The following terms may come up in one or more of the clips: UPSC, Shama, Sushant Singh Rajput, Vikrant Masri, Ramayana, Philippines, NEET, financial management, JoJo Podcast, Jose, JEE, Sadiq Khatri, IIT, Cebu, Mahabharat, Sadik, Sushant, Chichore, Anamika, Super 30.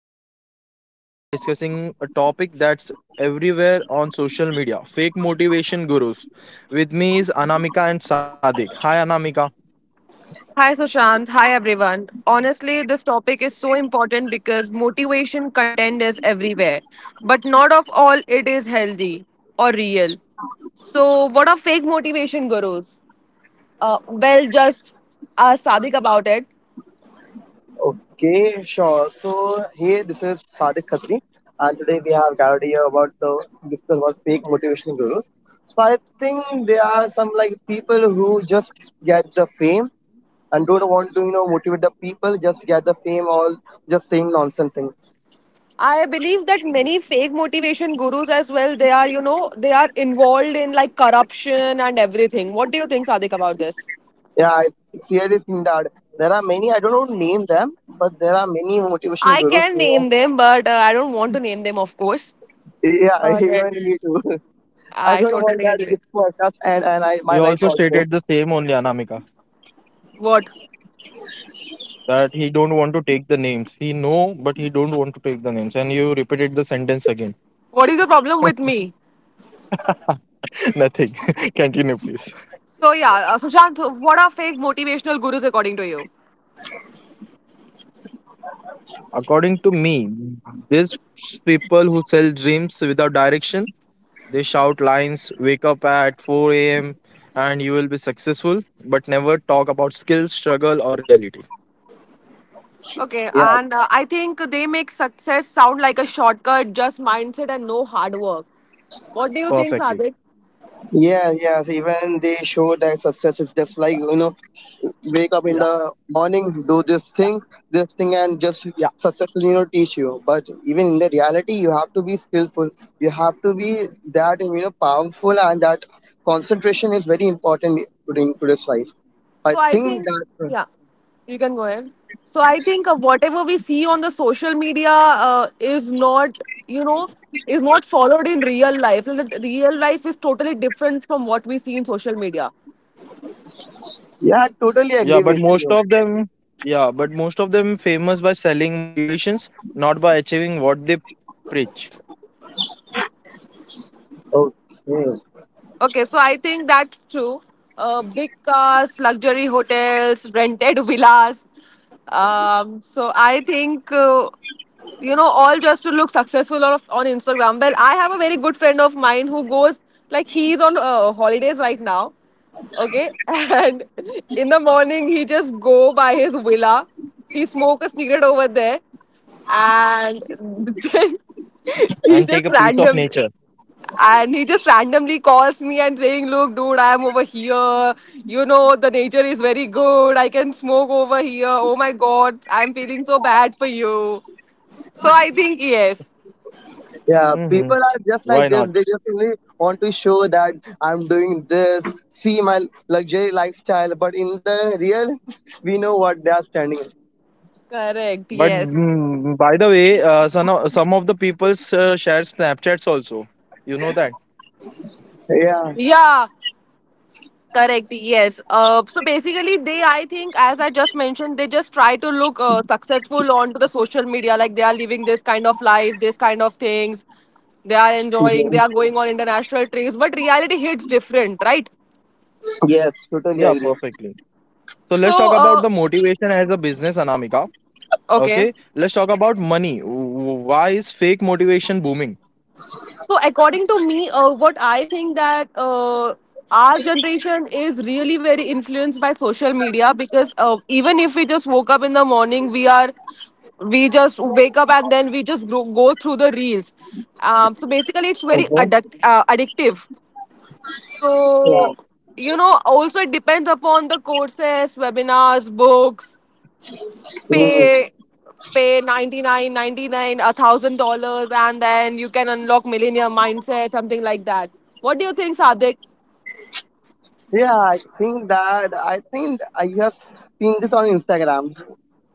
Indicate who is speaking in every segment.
Speaker 1: Shishant, and today we are discussing a topic that's everywhere on social media, fake motivation gurus. With me is Anamika and Sadik. Hi Anamika.
Speaker 2: Hi Sushant, hi everyone. Honestly, this topic is so important because motivation content is everywhere, but not of all it is healthy or real. So, what are fake motivation gurus? Well, just Sadik about it.
Speaker 3: Okay, sure. So here this is Sadiq Khatri, and today we have gathered here about the discuss about fake motivational gurus. So I think there are some like people who just get the fame and don't want to motivate the people, just get the fame or just saying nonsense things.
Speaker 2: I believe that many fake motivation gurus as well. They are involved in like corruption and everything. What do you think, Sadik, about this?
Speaker 3: Yeah, I clearly think that there are many. I don't want to name them, but there are many motivational
Speaker 2: I
Speaker 3: gurus
Speaker 2: can
Speaker 3: who are.
Speaker 2: name them, but I don't want to name them, of course.
Speaker 3: Yeah, even me
Speaker 2: That's
Speaker 3: too. I
Speaker 2: I
Speaker 3: don't want
Speaker 2: totally
Speaker 3: that
Speaker 2: agree.
Speaker 3: gift for us and I
Speaker 1: He
Speaker 3: my life
Speaker 1: also
Speaker 3: also.
Speaker 1: stated the same only Anamika,
Speaker 2: What?
Speaker 1: that he don't want to take the names. He know but he don't want to take the names and you repeated the sentence again.
Speaker 2: What is the problem with me?
Speaker 1: Nothing. Continue, please.
Speaker 2: So yeah, Sushant, what are fake motivational gurus according to you?
Speaker 1: According to me, these people who sell dreams without direction, they shout lines, wake up at 4 a.m., and you will be successful, but never talk about skills, struggle, or reality.
Speaker 2: Okay,
Speaker 3: Yeah.
Speaker 2: and I think they make success sound like a shortcut, just mindset and no hard work. What do you think,
Speaker 1: Perfectly.
Speaker 2: Sadik?
Speaker 3: Yeah, yes. Even they show that success is just like wake up
Speaker 1: Yeah,
Speaker 3: in the morning, do this thing, and just
Speaker 1: yeah.
Speaker 3: successfully teach you. But even in the reality, you have to be skillful. You have to be that powerful, and that concentration is very important during today's life. I
Speaker 2: So I
Speaker 3: think
Speaker 2: think,
Speaker 3: that
Speaker 2: yeah, you can go ahead. So I think whatever we see on the social media you know, is not followed in real life. Like, the real life is totally different from what we see in social media.
Speaker 3: Yeah, I totally
Speaker 1: Yeah,
Speaker 3: agree
Speaker 1: but
Speaker 3: with
Speaker 1: most
Speaker 3: you.
Speaker 1: of them, yeah, but most of them famous by selling motivations, not by achieving what they preach.
Speaker 3: Okay.
Speaker 2: Okay, so I think that's true. Big cars, luxury hotels, rented villas. So I think all just to look successful on Instagram. But I have a very good friend of mine who goes like he's on holidays right now. Okay, and in the morning he just go by his villa. He smoke a cigarette over there, and then he
Speaker 1: And
Speaker 2: just
Speaker 1: take a piece of
Speaker 2: random
Speaker 1: nature.
Speaker 2: he just randomly calls me and saying, look, dude, I am over here, you know, the nature is very good, I can smoke over here. Oh my god, I'm feeling so bad for you. So I think yes.
Speaker 3: Yeah, people
Speaker 1: Hmm.
Speaker 3: are just
Speaker 1: Why
Speaker 3: like
Speaker 1: not?
Speaker 3: this. They just only want to show that I'm doing this, see my luxury lifestyle. But in the real, we know what they are standing.
Speaker 2: Correct.
Speaker 1: But
Speaker 2: Yes.
Speaker 1: by the way, some of the people share Snapchats also. You know that?
Speaker 3: Yeah.
Speaker 2: Yeah. Correct. Yes. So basically they I think, as I just mentioned, they just try to look successful onto the social media, like they are living this kind of life, this kind of things, they are enjoying,
Speaker 3: Mhm.
Speaker 2: they are going on international trips, but reality hits different, right?
Speaker 3: Yes, totally
Speaker 1: Yeah,
Speaker 3: agree.
Speaker 1: perfectly. So let's talk
Speaker 2: so
Speaker 1: about
Speaker 2: uh,
Speaker 1: the motivation as a business, Anamika.
Speaker 2: Okay.
Speaker 1: Okay, let's talk about money. Why is fake motivation booming?
Speaker 2: So according to me, what I think that our generation is really very influenced by social media because even if we just woke up in the morning, we just wake up and then we just go through the reels. So basically, it's very
Speaker 3: Mhm.
Speaker 2: addictive.
Speaker 3: Yeah.
Speaker 2: So, also it depends upon the courses, webinars, books,
Speaker 3: Mm.
Speaker 2: pay pay 99, 99 $1,000, and then you can unlock millionaire mindset, something like that. What do you think, Sadik?
Speaker 3: Yeah, I think I just seen this on Instagram,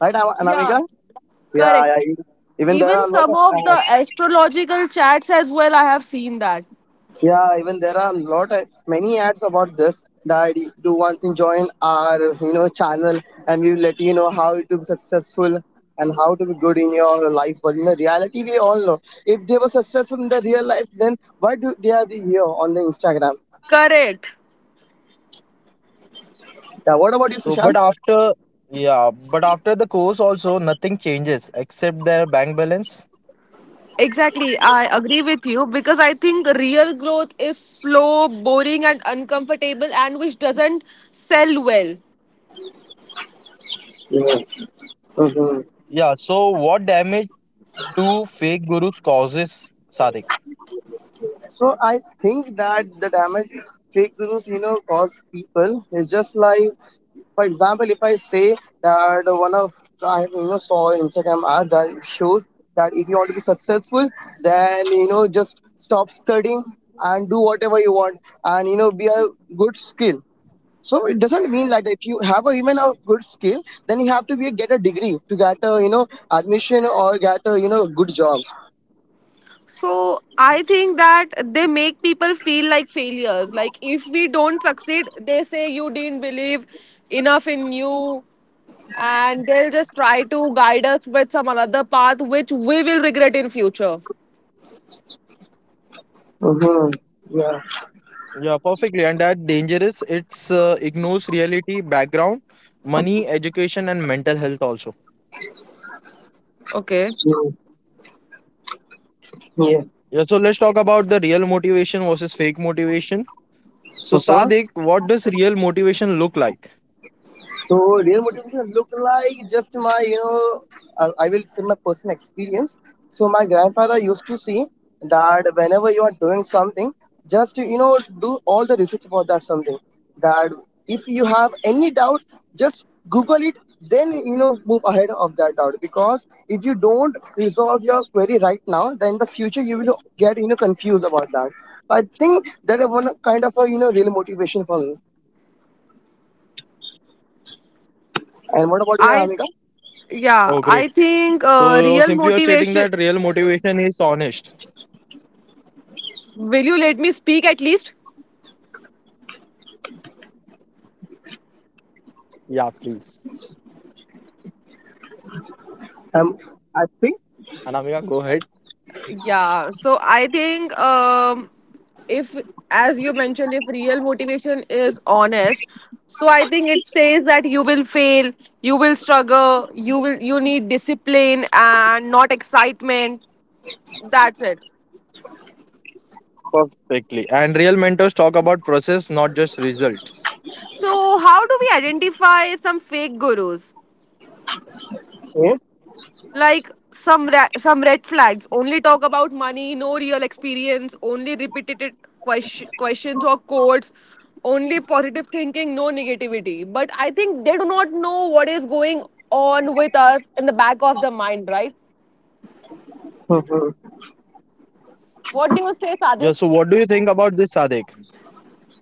Speaker 3: right, Am-
Speaker 2: Yeah.
Speaker 3: Anamika? Yeah,
Speaker 2: Correct.
Speaker 3: yeah. Even there
Speaker 2: Even
Speaker 3: are a lot
Speaker 2: some
Speaker 3: of
Speaker 2: of the
Speaker 3: ads.
Speaker 2: astrological charts as well, I have seen that.
Speaker 3: Yeah, even there are lot of many ads about this that you do want to join our channel and we will let you know how to be successful and how to be good in your life. But in the reality, we all know if they were successful in the real life, then why do they are the here on the Instagram?
Speaker 2: Correct.
Speaker 3: Yeah, what about you,
Speaker 1: So,
Speaker 3: Sushant?
Speaker 1: but after yeah, but after the course also nothing changes except their bank balance.
Speaker 2: Exactly, I agree with you because I think real growth is slow, boring, and uncomfortable, and which doesn't sell well.
Speaker 3: Yeah. Hmm.
Speaker 1: Yeah. So what damage do fake gurus causes, Sadik?
Speaker 3: So I think that the damage fake gurus cause people is just like. For example, if I say that one of I saw Instagram ad that it shows that if you want to be successful, then just stop studying and do whatever you want, and be a good skill. So it doesn't mean that if you have even a good skill, then you have to be get a degree to get a admission or get a good job.
Speaker 2: So I think that they make people feel like failures. Like if we don't succeed, they say you didn't believe enough in you, and they'll just try to guide us with some other path which we will regret in future.
Speaker 3: Hmm. Yeah.
Speaker 1: Yeah, perfectly. And that dangerous, it's ignores reality, background, money, education, and mental health also.
Speaker 2: Okay,
Speaker 3: Mm-hmm. Yeah.
Speaker 1: Yeah, so let's talk about the real motivation versus fake motivation. So,
Speaker 3: Mhm.
Speaker 1: Sadik, what does real motivation look like?
Speaker 3: So real motivation look like just my you know I will say my personal experience. So my grandfather used to say that whenever you are doing something, just do all the research about that something. That if you have any doubt, just Google it. Then move ahead of that doubt because if you don't resolve your query right now, then in the future you will get confused about that. I think that is one kind of a real motivation for me. And what about you,
Speaker 2: I
Speaker 3: Amika?
Speaker 2: yeah,
Speaker 1: Oh, great.
Speaker 2: I think
Speaker 1: So,
Speaker 2: real
Speaker 1: simply you're stating
Speaker 2: motivation.
Speaker 1: that real motivation is honest.
Speaker 2: Will you let me speak at least?
Speaker 1: Yeah, please.
Speaker 3: Um, I think
Speaker 1: Anamika, go
Speaker 2: Yeah,
Speaker 1: ahead.
Speaker 2: so I think if, as you mentioned, if real motivation is honest, so I think it says that you will fail, you will struggle, you will you need discipline and not excitement. That's it.
Speaker 1: Perfectly. And real mentors talk about process, not just results.
Speaker 2: So how do we identify some fake gurus?
Speaker 3: yeah.
Speaker 2: Like some red flags: only talk about money, no real experience, only repetitive questions or quotes, only positive thinking, no negativity. But I think they do not know what is going on with us in the back of the mind, right? What do you say,
Speaker 1: Yeah,
Speaker 2: Sadik?
Speaker 1: so what do you think about this, Sadik?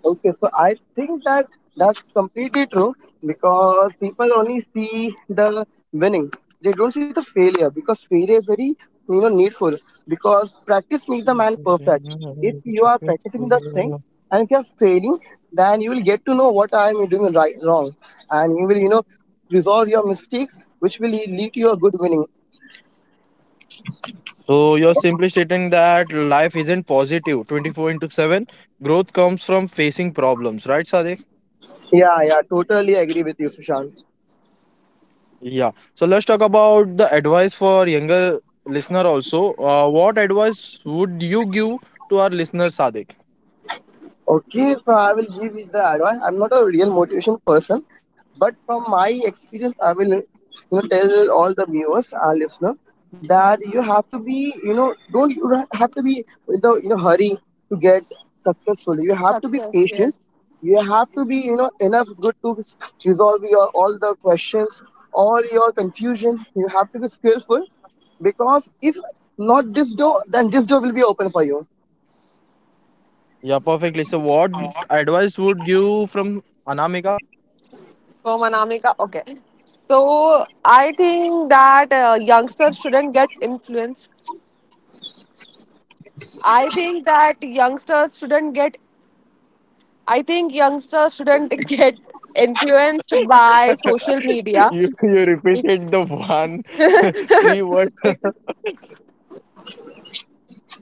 Speaker 3: Okay. So I think that that's completely true because people only see the winning. They don't see the failure because failure is very needful because practice makes the man perfect. If you are practicing the thing and if you are failing, then you will get to know what I am doing right wrong, and you will resolve your mistakes, which will lead to a good winning.
Speaker 1: So you're simply stating that life isn't positive 24 into 7. Growth comes from facing problems, right, Sadiq?
Speaker 3: Yeah, yeah, totally agree with you, Sushant.
Speaker 1: Yeah. So let's talk about the advice for younger listener also. What advice would you give to our listener, Sadiq?
Speaker 3: Okay, so I will give you the advice. I'm not a real motivation person, but from my experience, I will tell all the viewers, our listener, that you have to be you don't have to be in the hurry to get successful. You have to be
Speaker 2: Success,
Speaker 3: patient.
Speaker 2: yes.
Speaker 3: You have to be enough good to resolve your all the questions, all your confusion. You have to be skillful because if not this door, then this door will be open for you.
Speaker 1: Yeah, perfectly. So what advice would you from Anamika?
Speaker 2: So Manamika, okay. So I think that youngsters shouldn't get influenced. I think that youngsters shouldn't get I think youngsters shouldn't get influenced by social media.
Speaker 1: You
Speaker 2: be-
Speaker 1: repeated the one three words.
Speaker 2: be-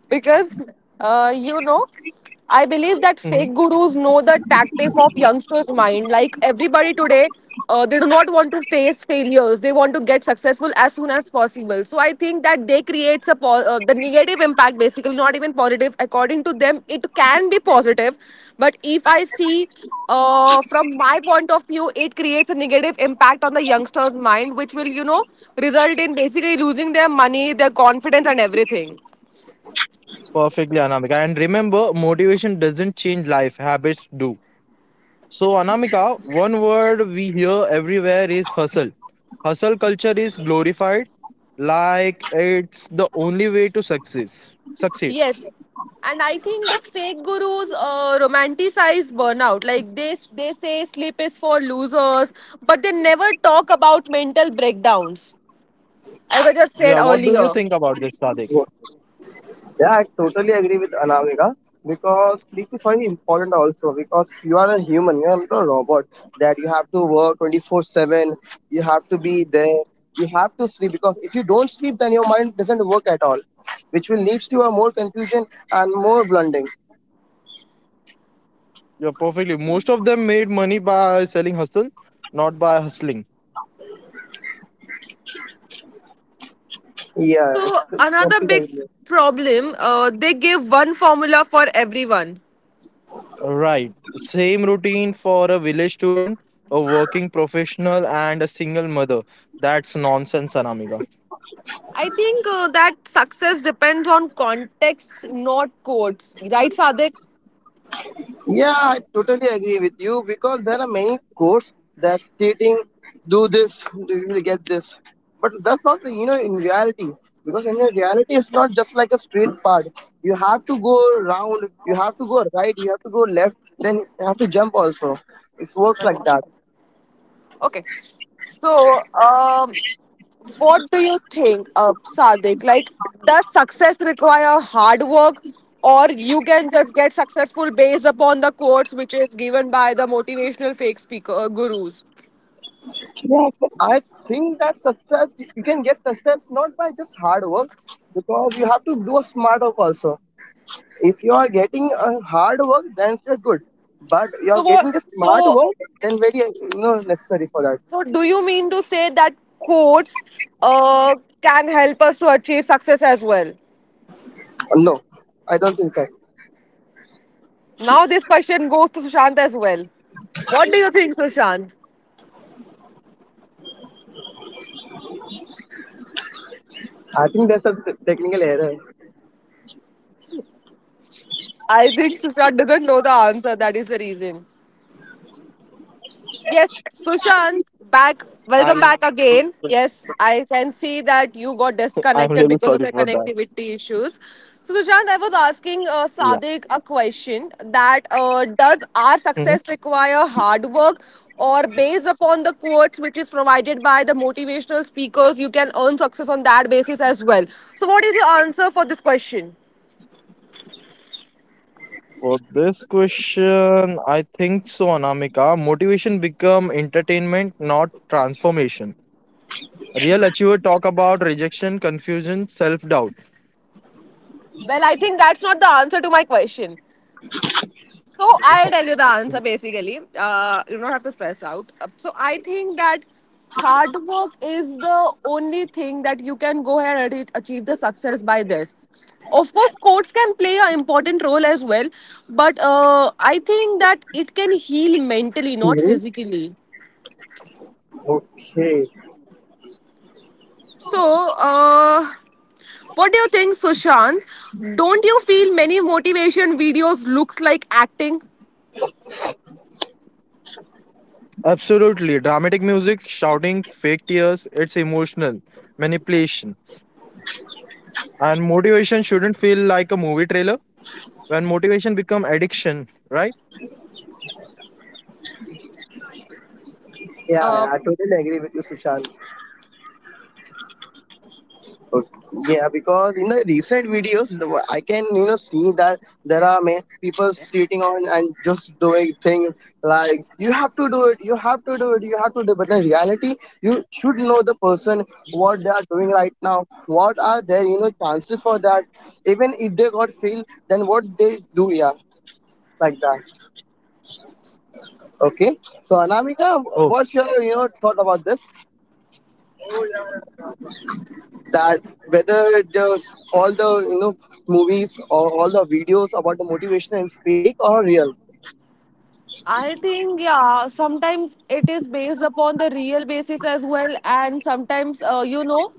Speaker 2: because uh, you know I believe that fake
Speaker 1: Mhm.
Speaker 2: gurus know the tactic of youngsters mind, like everybody today. They do not want to face failures, they want to get successful as soon as possible. So I think that they creates the negative impact, basically, not even positive. According to them, it can be positive, but if I see from my point of view, it creates a negative impact on the youngsters' mind, which will, result in basically losing their money, their confidence, and everything.
Speaker 1: Perfectly, Anamika. And remember, motivation doesn't change life; habits do. So, Anamika, one word we hear everywhere is hustle. Hustle culture is glorified like it's the only way to success. Succeed.
Speaker 2: Yes, and I think the fake gurus romanticize burnout. Like they say sleep is for losers, but they never talk about mental breakdowns, as I just
Speaker 1: Yeah,
Speaker 2: said
Speaker 1: what do you
Speaker 2: earlier.
Speaker 1: think about this, Sadik?
Speaker 3: Yeah, I totally agree with Anamika because sleep is very important also because you are a human, you are not a robot that you have to work 24/7, you have to be there, you have to sleep because if you don't sleep, then your mind doesn't work at all, which will lead to a more confusion and more blundering.
Speaker 1: Yeah, perfectly. Most of them made money by selling hustle, not by hustling.
Speaker 3: Yeah,
Speaker 2: So another
Speaker 3: completely
Speaker 2: big
Speaker 3: agree.
Speaker 2: problem, they give one formula for everyone.
Speaker 1: Right. Same routine for a village student, a working professional, and a single mother. That's nonsense, Anamika.
Speaker 2: I think that success depends on context, not quotes. Right, Sadik?
Speaker 3: Yeah, I totally agree with you because there are many courts that stating do this, you will get this. But that's not in reality because in reality it's not just like a straight path. You have to go round, you have to go right, you have to go left, then you have to jump also. It works like that.
Speaker 2: Okay. So what do you think, Sadik? Like, does success require hard work, or you can just get successful based upon the quotes which is given by the motivational fake speaker gurus?
Speaker 3: Yeah, so I think that success you can get success not by just hard work because you have to do a smart work also. If you are getting a hard work, then you're good. But you are
Speaker 2: So, what,
Speaker 3: getting the smart
Speaker 2: so,
Speaker 3: work, then very necessary for that.
Speaker 2: so do you mean to say that quotes uh, can help us to achieve success as well?
Speaker 3: No, I don't think so.
Speaker 2: Now, this question goes to Sushant as well. What do you think, Sushant?
Speaker 3: I think that's a technical error.
Speaker 2: I think Sushant doesn't know the answer. That is the reason. Yes, Sushant, back. Welcome back again.
Speaker 1: I'm
Speaker 2: Yes, I can see that you got
Speaker 1: I'm
Speaker 2: disconnected
Speaker 1: really
Speaker 2: because of
Speaker 1: sorry
Speaker 2: your
Speaker 1: for that.
Speaker 2: connectivity issues. So, Sushant, I was asking
Speaker 1: Yeah.
Speaker 2: Sadiq a question that does our success
Speaker 1: Mhm.
Speaker 2: require hard work, or based upon the quotes which is provided by the motivational speakers, you can earn success on that basis as well. So, what is your answer for this question?
Speaker 1: For this question, I think so, Anamika. Motivation become entertainment, not transformation. Real achiever talk about rejection, confusion, self-doubt.
Speaker 2: Well, I think that's not the answer to my question. So I'll tell you the answer, basically. You don't have to stress out. So I think that hard work is the only thing that you can go ahead and achieve the success by this. Of course, sports can play an important role as well, but I think that it can heal mentally, not
Speaker 3: Hmm.
Speaker 2: physically.
Speaker 3: Okay.
Speaker 2: So, uh, what do you think, Sushant? Don't you feel many motivation videos looks like acting?
Speaker 1: Absolutely. Dramatic music, shouting, fake tears, it's emotional manipulations. And motivation shouldn't feel like a movie trailer when motivation become addiction, right?
Speaker 3: Yeah,
Speaker 2: Uh,
Speaker 3: I totally agree with you, Sushant. Okay. Yeah, because in the recent videos, I can see that there are many people cheating on and just doing things like you have to do it, you have to do it, you have to do it. But in reality, you should know the person what they are doing right now. What are their chances for that? Even if they got failed, then what they do? Yeah, like that. Okay. So Anamika, what's
Speaker 1: Oh,
Speaker 3: your thought about this? That whether there's all the movies or all the videos about the motivation is fake or real.
Speaker 2: I think, yeah, sometimes it is based upon the real basis as well, and sometimes,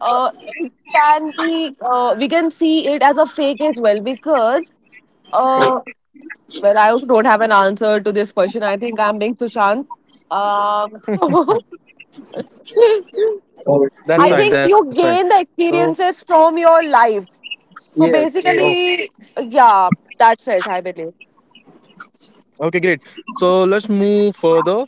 Speaker 2: uh, it can be, we can see it as a fake as well because, uh, well, I also don't have an answer to this question. I think I'm being Sushant. Um,
Speaker 3: Oh,
Speaker 2: I
Speaker 3: yeah.
Speaker 1: that's
Speaker 2: think
Speaker 1: fine, that's
Speaker 2: you
Speaker 1: fine.
Speaker 2: gain the
Speaker 1: So
Speaker 2: experiences from your life. So
Speaker 3: Yes. Yes.
Speaker 1: oh,
Speaker 2: basically, yeah, that's it, I believe.
Speaker 1: Okay, great. So let's move further.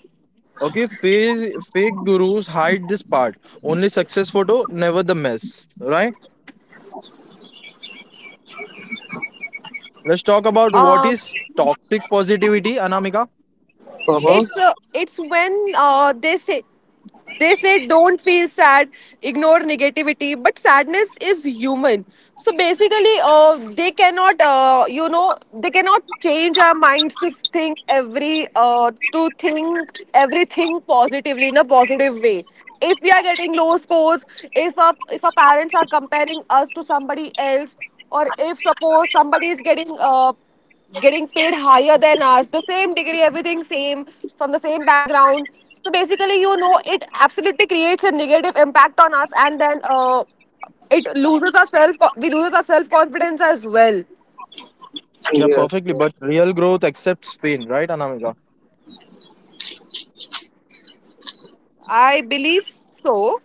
Speaker 1: Okay, fake gurus hide this part. Only success photo, never the mess. Right? Let's talk about what
Speaker 2: Um,
Speaker 1: is toxic positivity, Anamika.
Speaker 3: Uh-huh.
Speaker 2: it's when they say, don't feel sad, ignore negativity, but sadness is human. So basically, they cannot change our minds to think to think everything positively in a positive way. If we are getting low scores, if our parents are comparing us to somebody else, or if suppose somebody is getting getting paid higher than us, the same degree, everything same, from the same background. So basically, it absolutely creates a negative impact on us, and then it loses our self. We lose our self confidence as well.
Speaker 1: Yeah,
Speaker 3: Yes,
Speaker 1: perfectly.
Speaker 3: yes.
Speaker 1: But real growth accepts pain, right, Anamika?
Speaker 2: I believe so.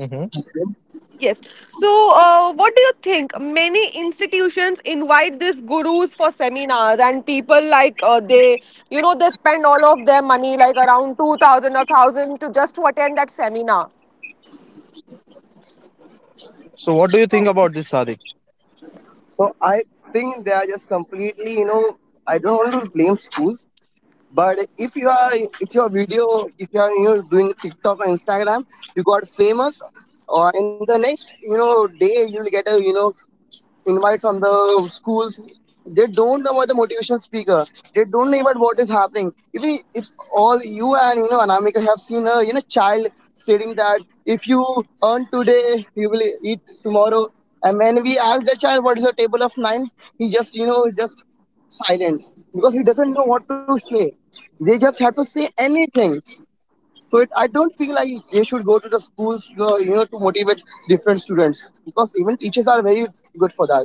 Speaker 1: Hmm.
Speaker 3: Yes.
Speaker 2: Yes. So, what do you think? Many institutions invite these gurus for seminars, and people like they spend all of their money, like around 2,000 or thousand, to just to attend that seminar.
Speaker 1: So what do you think
Speaker 2: So
Speaker 1: about this, Sadik?
Speaker 3: So I think they are just completely, I don't want to blame schools, but if you are, doing TikTok or Instagram, you got famous, or in the next, day you'll get invites from the schools. They don't know about the motivational speaker. They don't know about what is happening. Even if all you and Anamika have seen a child stating that if you earn today you will eat tomorrow, and when we ask the child what is a table of nine, he just you know just silent because he doesn't know what to say. They just have to say anything. So I don't feel like they should go to the schools, to motivate different students because even teachers are very good for that.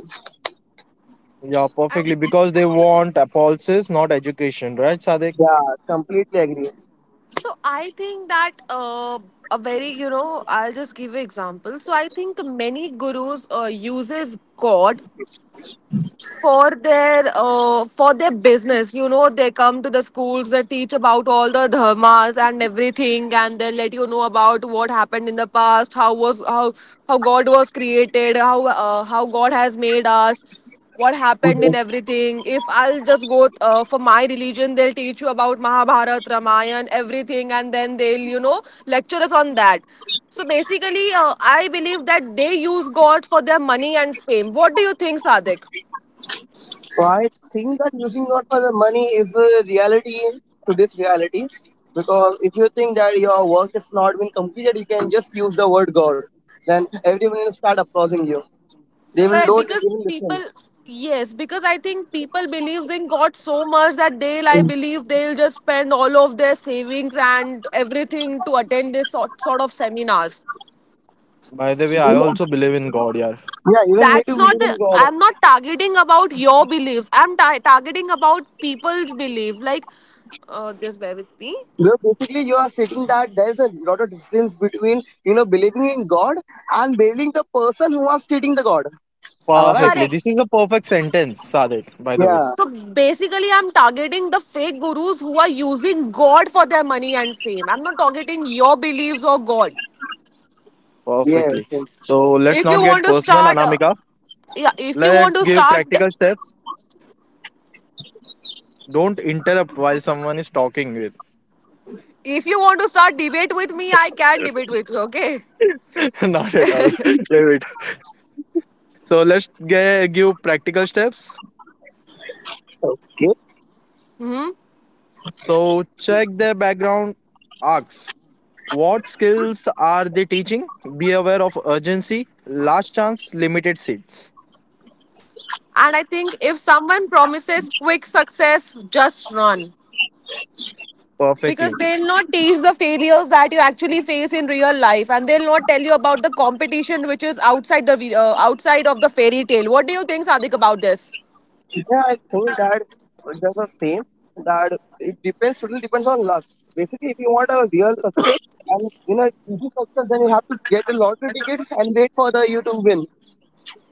Speaker 1: Yeah, perfectly. Because they want appulses, not education, right, Sadik?
Speaker 3: Yeah, completely agree.
Speaker 2: So I think that a very, you know, I'll just give an example. So I think many gurus uses God for their business. They come to the schools, they teach about all the dharmas and everything, and they let you know about what happened in the past, how god was created, how god has made us, what happened in
Speaker 3: Mhm.
Speaker 2: everything. If I'll just go for my religion, they'll teach you about mahabharat Ramayana, everything, and then they'll lecture us on that. So basically I believe that they use god for their money and fame. What do you think, Sadik?
Speaker 3: So I think that using God for the money is a reality to this reality because if you think that your work is not been completed, you can just use the word God. Then everyone will start applauding you. They will
Speaker 2: Correct,
Speaker 3: don't
Speaker 2: because
Speaker 3: even
Speaker 2: people,
Speaker 3: listen.
Speaker 2: yes, because I think people believes in God so much that they'll, I
Speaker 3: Yeah,
Speaker 2: believe, they'll just spend all of their savings and everything to attend this sort of seminars.
Speaker 1: By the way, I also believe in God, yeah.
Speaker 3: even me too
Speaker 2: That's not
Speaker 3: believe in
Speaker 2: the.
Speaker 3: God.
Speaker 2: I'm not targeting about your beliefs. I'm targeting about people's belief. Like, just bear with me.
Speaker 3: So basically, you are stating that there is a lot of difference between believing in God and believing the person who are stating the God. Am I right?
Speaker 1: Perfectly. This is a
Speaker 2: Correct.
Speaker 1: perfect sentence, Sadik, by the way.
Speaker 3: Yeah.
Speaker 2: So basically, I'm targeting the fake gurus who are using God for their money and fame. I'm not targeting your beliefs or God.
Speaker 3: Yes.
Speaker 1: Perfectly. So let's
Speaker 2: if you
Speaker 1: not get
Speaker 2: want to
Speaker 1: personal,
Speaker 2: start uh,
Speaker 1: Anamika.
Speaker 2: yeah if you want
Speaker 1: Let's
Speaker 2: to
Speaker 1: give
Speaker 2: start
Speaker 1: practical steps. Don't interrupt while someone is talking with.
Speaker 2: if you want to start debate with me, I can debate with you. Okay.
Speaker 1: Not at all. Leave it. So let's give practical steps.
Speaker 3: Okay.
Speaker 2: Hmm.
Speaker 1: So check their background. Ask what skills are they teaching. Be aware of urgency. Last chance, limited seats.
Speaker 2: And I think if someone promises quick success, just run because
Speaker 1: Perfectly.
Speaker 2: they'll not teach the failures that you actually face in real life, and they'll not tell you about the competition which is outside outside of the fairy tale. What do you think, Sadik, about this?
Speaker 3: Yeah, I think that just the same that it depends totally depends on luck. Basically, if you want a real success and easy success, then you have to get a lottery ticket and wait for the you to win.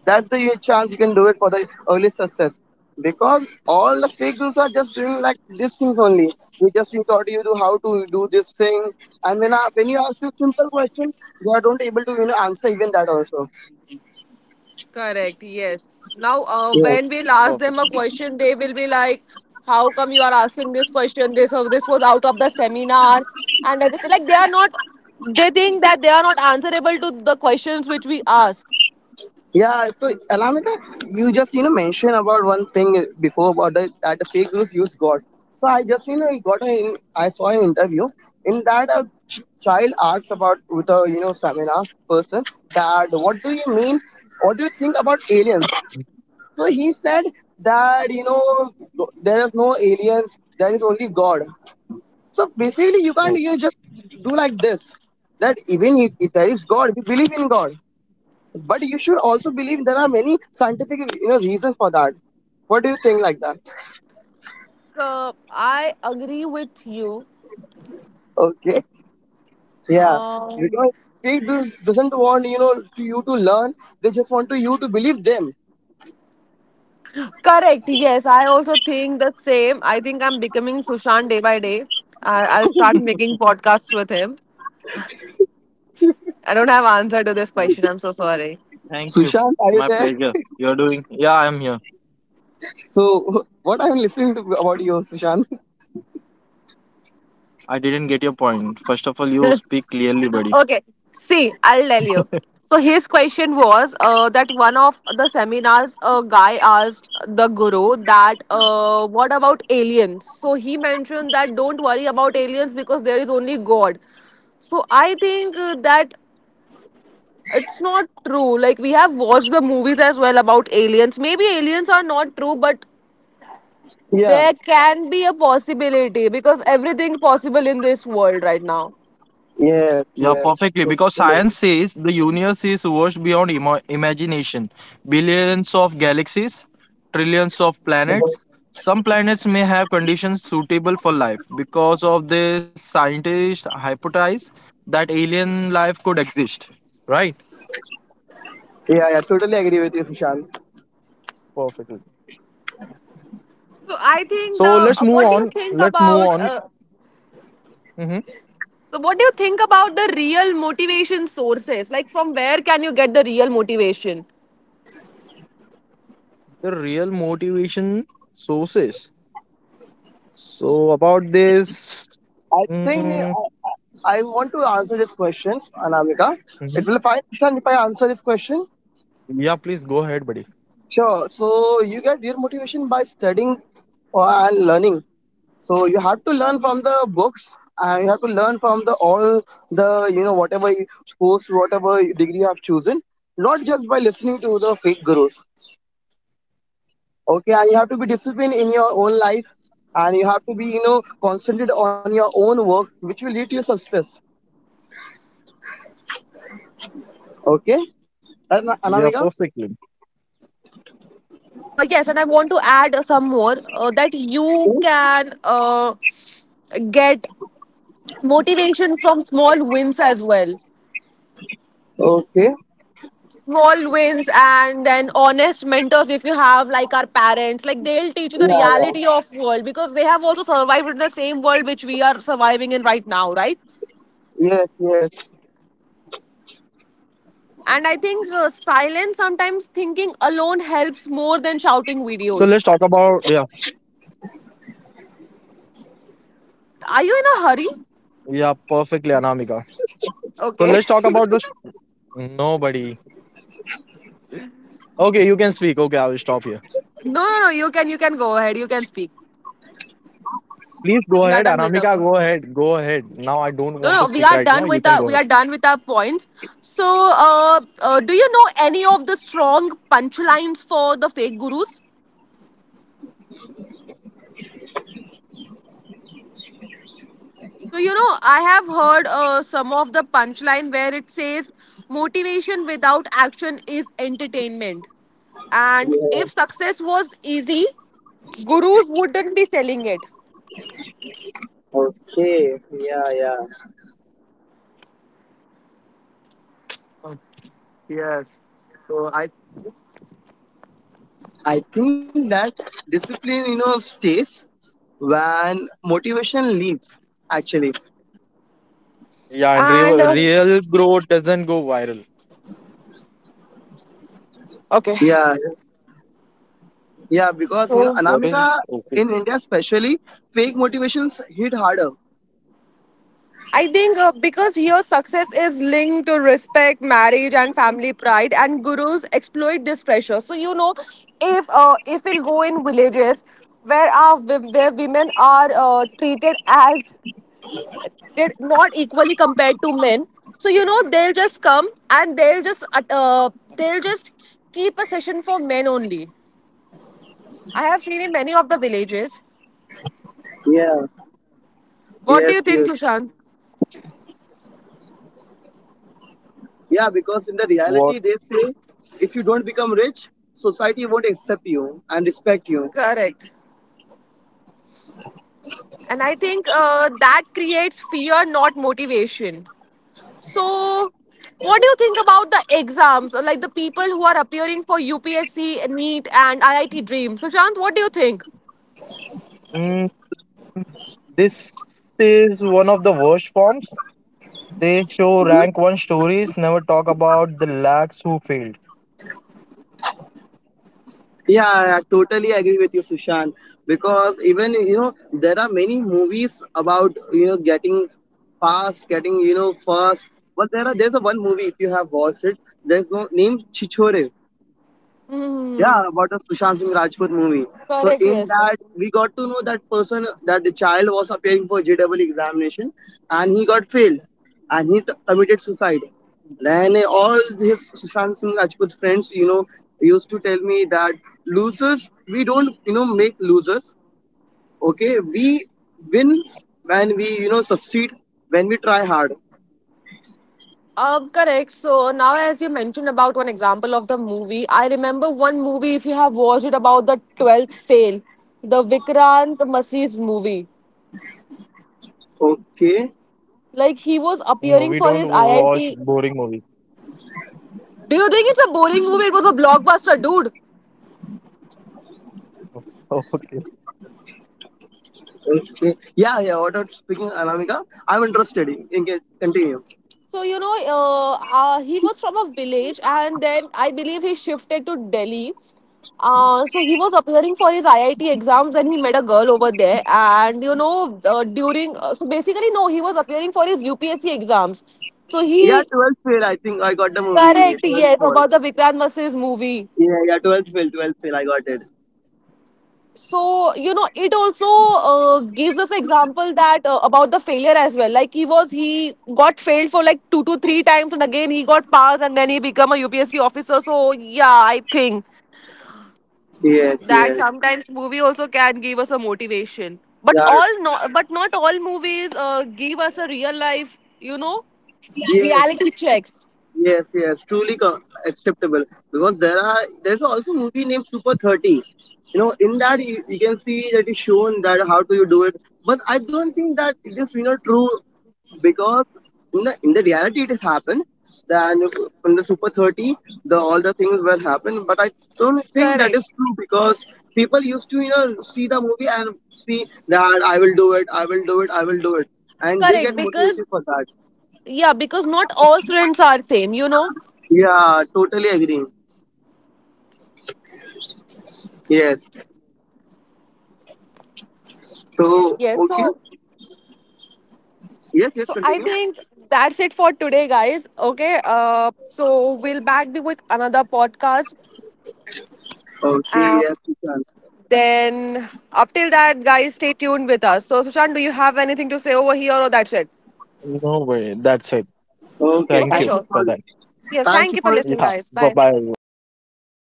Speaker 3: That's the your chance you can do it for the early success. Because all the fake dudes are just doing like this things only. They just you taught you to how to do this thing, and when you ask this simple question, they are don't able to answer even that also.
Speaker 2: Correct, yes. Now, when we'll ask
Speaker 1: Perfectly.
Speaker 2: them a question, they will be like, how come you are asking this question? This or this was out of the seminar, and everything. Like, they think that they are not answerable to the questions which we ask.
Speaker 3: Yeah, so Alamita, you just mentioned about one thing before about that the fake news you got. So I just got a I saw an interview. In that a child asks about with a seminar person that what do you mean? What do you think about aliens? So he said that there is no aliens, there is only God. So basically, you
Speaker 1: Oh,
Speaker 3: can't you just do like this that even if there is God, we believe in God. But you should also believe there are many scientific reasons for that. What do you think like that?
Speaker 2: I agree with you.
Speaker 3: Okay, yeah,
Speaker 2: Um,
Speaker 3: because fake news doesn't want to you to learn. They just want to you to believe them.
Speaker 2: Correct, yes. I also think the same. I think I'm becoming Sushant day by day. I'll start making podcasts with him. I don't have answer to this
Speaker 1: thank
Speaker 2: question.
Speaker 1: you.
Speaker 2: I'm so sorry.
Speaker 1: Thank you.
Speaker 3: Sushant, are you
Speaker 1: My
Speaker 3: there?
Speaker 1: pleasure. You're doing. Yeah, I am here.
Speaker 3: So what I'm listening to about you, Sushant?
Speaker 1: I didn't get your point. First of all, you speak clearly, buddy.
Speaker 2: Okay. See, I'll tell you. So his question was that one of the seminars, a guy asked the guru that, what about aliens? So he mentioned that don't worry about aliens because there is only God. So I think that it's not true. Like we have watched the movies as well about aliens. Maybe aliens are not true, but
Speaker 3: Yeah,
Speaker 2: there can be a possibility because everything possible in this world right now.
Speaker 3: yes,
Speaker 1: Yeah,
Speaker 3: yes,
Speaker 1: perfectly.
Speaker 3: totally
Speaker 1: Because science says the universe is vast beyond imagination. Billions of galaxies, trillions of
Speaker 3: agree.
Speaker 1: planets. Some planets may have conditions suitable for life. Because of this, scientists hypothesize that alien life could exist. Right?
Speaker 3: Yeah, yeah, totally agree with you, Sushant.
Speaker 1: Perfectly.
Speaker 2: So I think the
Speaker 1: So let's move
Speaker 2: what do you
Speaker 1: on.
Speaker 2: think
Speaker 1: Let's move
Speaker 2: about?
Speaker 1: on. Hmm.
Speaker 2: So, what do you think about the real motivation sources? Like, from where can you get the real motivation?
Speaker 1: The real motivation sources. So about this.
Speaker 3: I think I want to answer this question, Anamika.
Speaker 1: Mhm.
Speaker 3: It will be fine, Sushant, if I answer this question.
Speaker 1: Yeah, please go ahead, buddy.
Speaker 3: Sure. So you get your motivation by studying and learning. So you have to learn from the books and you have to learn from the all the whatever course, whatever degree you have chosen, not just by listening to the fake gurus. Okay, and you have to be disciplined in your own life and you have to be concentrated on your own work, which will lead to your success. Okay. Right,
Speaker 1: Yeah,
Speaker 3: Anamika.
Speaker 1: perfectly.
Speaker 2: Yes, and I want to add some more that you
Speaker 3: Okay.
Speaker 2: can get motivation from small wins as well.
Speaker 3: Okay.
Speaker 2: Small wins and then honest mentors if you have like our parents, like they'll teach you the
Speaker 3: Yeah. Yeah.
Speaker 2: reality of world because they have also survived in the same world which we are surviving in right now, right?
Speaker 3: Yes. Yes.
Speaker 2: And I think silence sometimes thinking alone helps
Speaker 1: So
Speaker 2: more
Speaker 1: let's
Speaker 2: than
Speaker 1: talk
Speaker 2: shouting
Speaker 1: about yeah,
Speaker 2: videos. Are you in a hurry?
Speaker 1: yeah, perfectly, Anamika. So let's
Speaker 2: Okay.
Speaker 1: talk about this. Nobody. Okay, you can speak. Okay, I will stop here.
Speaker 2: No, no, no. You can go ahead. You can speak.
Speaker 1: Please
Speaker 2: We are
Speaker 1: go
Speaker 2: done with
Speaker 1: ahead,
Speaker 2: the points.
Speaker 1: Anamika. Go ahead. Go ahead.
Speaker 2: No,
Speaker 1: Now I
Speaker 2: no.
Speaker 1: don't want to speak right
Speaker 2: We are
Speaker 1: now. You
Speaker 2: done
Speaker 1: can
Speaker 2: with
Speaker 1: go
Speaker 2: our
Speaker 1: ahead.
Speaker 2: points. So, do you know any of the strong punchlines for the fake gurus? So, you know, I have heard some of the punchline where it says, motivation without action is entertainment. And if
Speaker 3: Yeah.
Speaker 2: success was easy, gurus wouldn't be selling it.
Speaker 3: Okay. Yeah. Yeah. I think that discipline, stays when motivation leaves. Actually,
Speaker 1: Yeah, and
Speaker 2: And,
Speaker 1: real, real growth doesn't go viral.
Speaker 2: okay.
Speaker 3: yeah, yeah, because
Speaker 2: So,
Speaker 1: What is
Speaker 3: Anamika, in
Speaker 1: okay?
Speaker 3: India especially, fake motivations hit harder.
Speaker 2: I think because here success is linked to respect, marriage, and family pride, and gurus exploit this pressure. So you know, if we'll go in villages where where women are treated as they're not equally compared to men, so you know they'll just come and they'll just keep a session for men only. I have seen in many of the villages.
Speaker 3: Yeah,
Speaker 2: What
Speaker 3: yes,
Speaker 2: do you
Speaker 3: yes,
Speaker 2: think, Sushant?
Speaker 3: yeah, because in the reality,
Speaker 1: What
Speaker 3: they say if you don't become rich, society won't accept you and respect you.
Speaker 2: Correct. And I think that creates fear, not motivation. So, what do you think about the exams or like the people who are appearing for UPSC, NEET, and IIT Dream? So, Shant, what do you think?
Speaker 1: mm, this is one of the worst forms. They show rank one stories, never talk about the lags who failed.
Speaker 3: Yeah, yeah, I totally agree with you, Sushant. Because even there are many movies about getting fast, getting fast. But there's a one movie if you have watched it. There's no name Chichore.
Speaker 2: Hmm.
Speaker 3: Yeah, about the Sushant Singh Rajput movie. So
Speaker 2: Correct,
Speaker 3: in
Speaker 2: yes.
Speaker 3: that, we got to know that person that the child was appearing for JEE examination, and he got failed, and he committed suicide. Then all his Sushant Singh Rajput friends, used to tell me that losers, we don't, make losers. Okay, we win when we, succeed when we try hard.
Speaker 2: Correct. So now, as you mentioned about one example of the movie, I remember one movie. If you have watched it about the twelfth fail, the Vikrant Masri's movie.
Speaker 3: Okay,
Speaker 2: Like
Speaker 1: No,
Speaker 2: he
Speaker 1: we
Speaker 2: was
Speaker 1: don't
Speaker 2: appearing for
Speaker 1: watch
Speaker 2: his
Speaker 1: boring movies.
Speaker 2: IIT. Do you think it's a boring movie? It was a blockbuster, dude.
Speaker 1: Okay,
Speaker 3: okay. Yeah, yeah. What about speaking, Anamika? I'm interested. You can continue.
Speaker 2: So you know, he was from a village, and then I believe he shifted to Delhi. So he was appearing for his IIT exams, and he met a girl over there. And you know, during so basically, no, he was appearing for his UPSC exams. So
Speaker 3: Yeah,
Speaker 2: he
Speaker 3: 12th fail. I think I got the movie.
Speaker 2: correct
Speaker 3: 12th
Speaker 2: yes
Speaker 3: fall.
Speaker 2: about the Vikrant Masse's movie.
Speaker 3: Yeah, yeah, 12th fail. 12th fail. I got it.
Speaker 2: So you know it also gives us example that about the failure as well, like he was, he got failed for like two to three times and again he got passed and then he become a UPSC officer. So yeah, I think
Speaker 3: Yes,
Speaker 2: that
Speaker 3: yes.
Speaker 2: sometimes movie also can give us a motivation, but
Speaker 3: Yeah,
Speaker 2: all not, but not all movies give us a real life you know
Speaker 3: yes.
Speaker 2: reality checks.
Speaker 3: Yes, yes, truly acceptable because there's also movie named Super 30. In that you can see that it's shown that how do you do it, but I don't think that it is true because in the reality it has happened. Then in the Super 30, the all the things were happened, but I don't think that
Speaker 2: Correct.
Speaker 3: is true because people used to see the movie and see that I will do it, I will do it, I will do it, and they
Speaker 2: Correct
Speaker 3: get
Speaker 2: because
Speaker 3: motivated for that.
Speaker 2: yeah because not all students are same, you know.
Speaker 3: Yeah, totally agree. Yes. So,
Speaker 2: Yes,
Speaker 3: okay.
Speaker 2: so
Speaker 3: Yes,
Speaker 2: so
Speaker 3: yes,
Speaker 2: I
Speaker 3: continue.
Speaker 2: think that's it for today, guys. Okay. So we'll back be with another podcast.
Speaker 3: Okay,
Speaker 2: And
Speaker 3: yes, you can.
Speaker 2: then up till that, guys, stay tuned with us. So Sushant, do you have anything to say over here or that's it?
Speaker 1: no way. That's it.
Speaker 3: Okay,
Speaker 1: Thank
Speaker 2: Okay,
Speaker 1: you
Speaker 2: sure.
Speaker 1: for that.
Speaker 2: Yeah,
Speaker 3: thank
Speaker 2: thank
Speaker 3: you
Speaker 2: you for
Speaker 3: for,
Speaker 2: listening,
Speaker 1: Yeah,
Speaker 2: guys.
Speaker 1: bye
Speaker 2: Bye.
Speaker 1: bye.
Speaker 3: bye bye.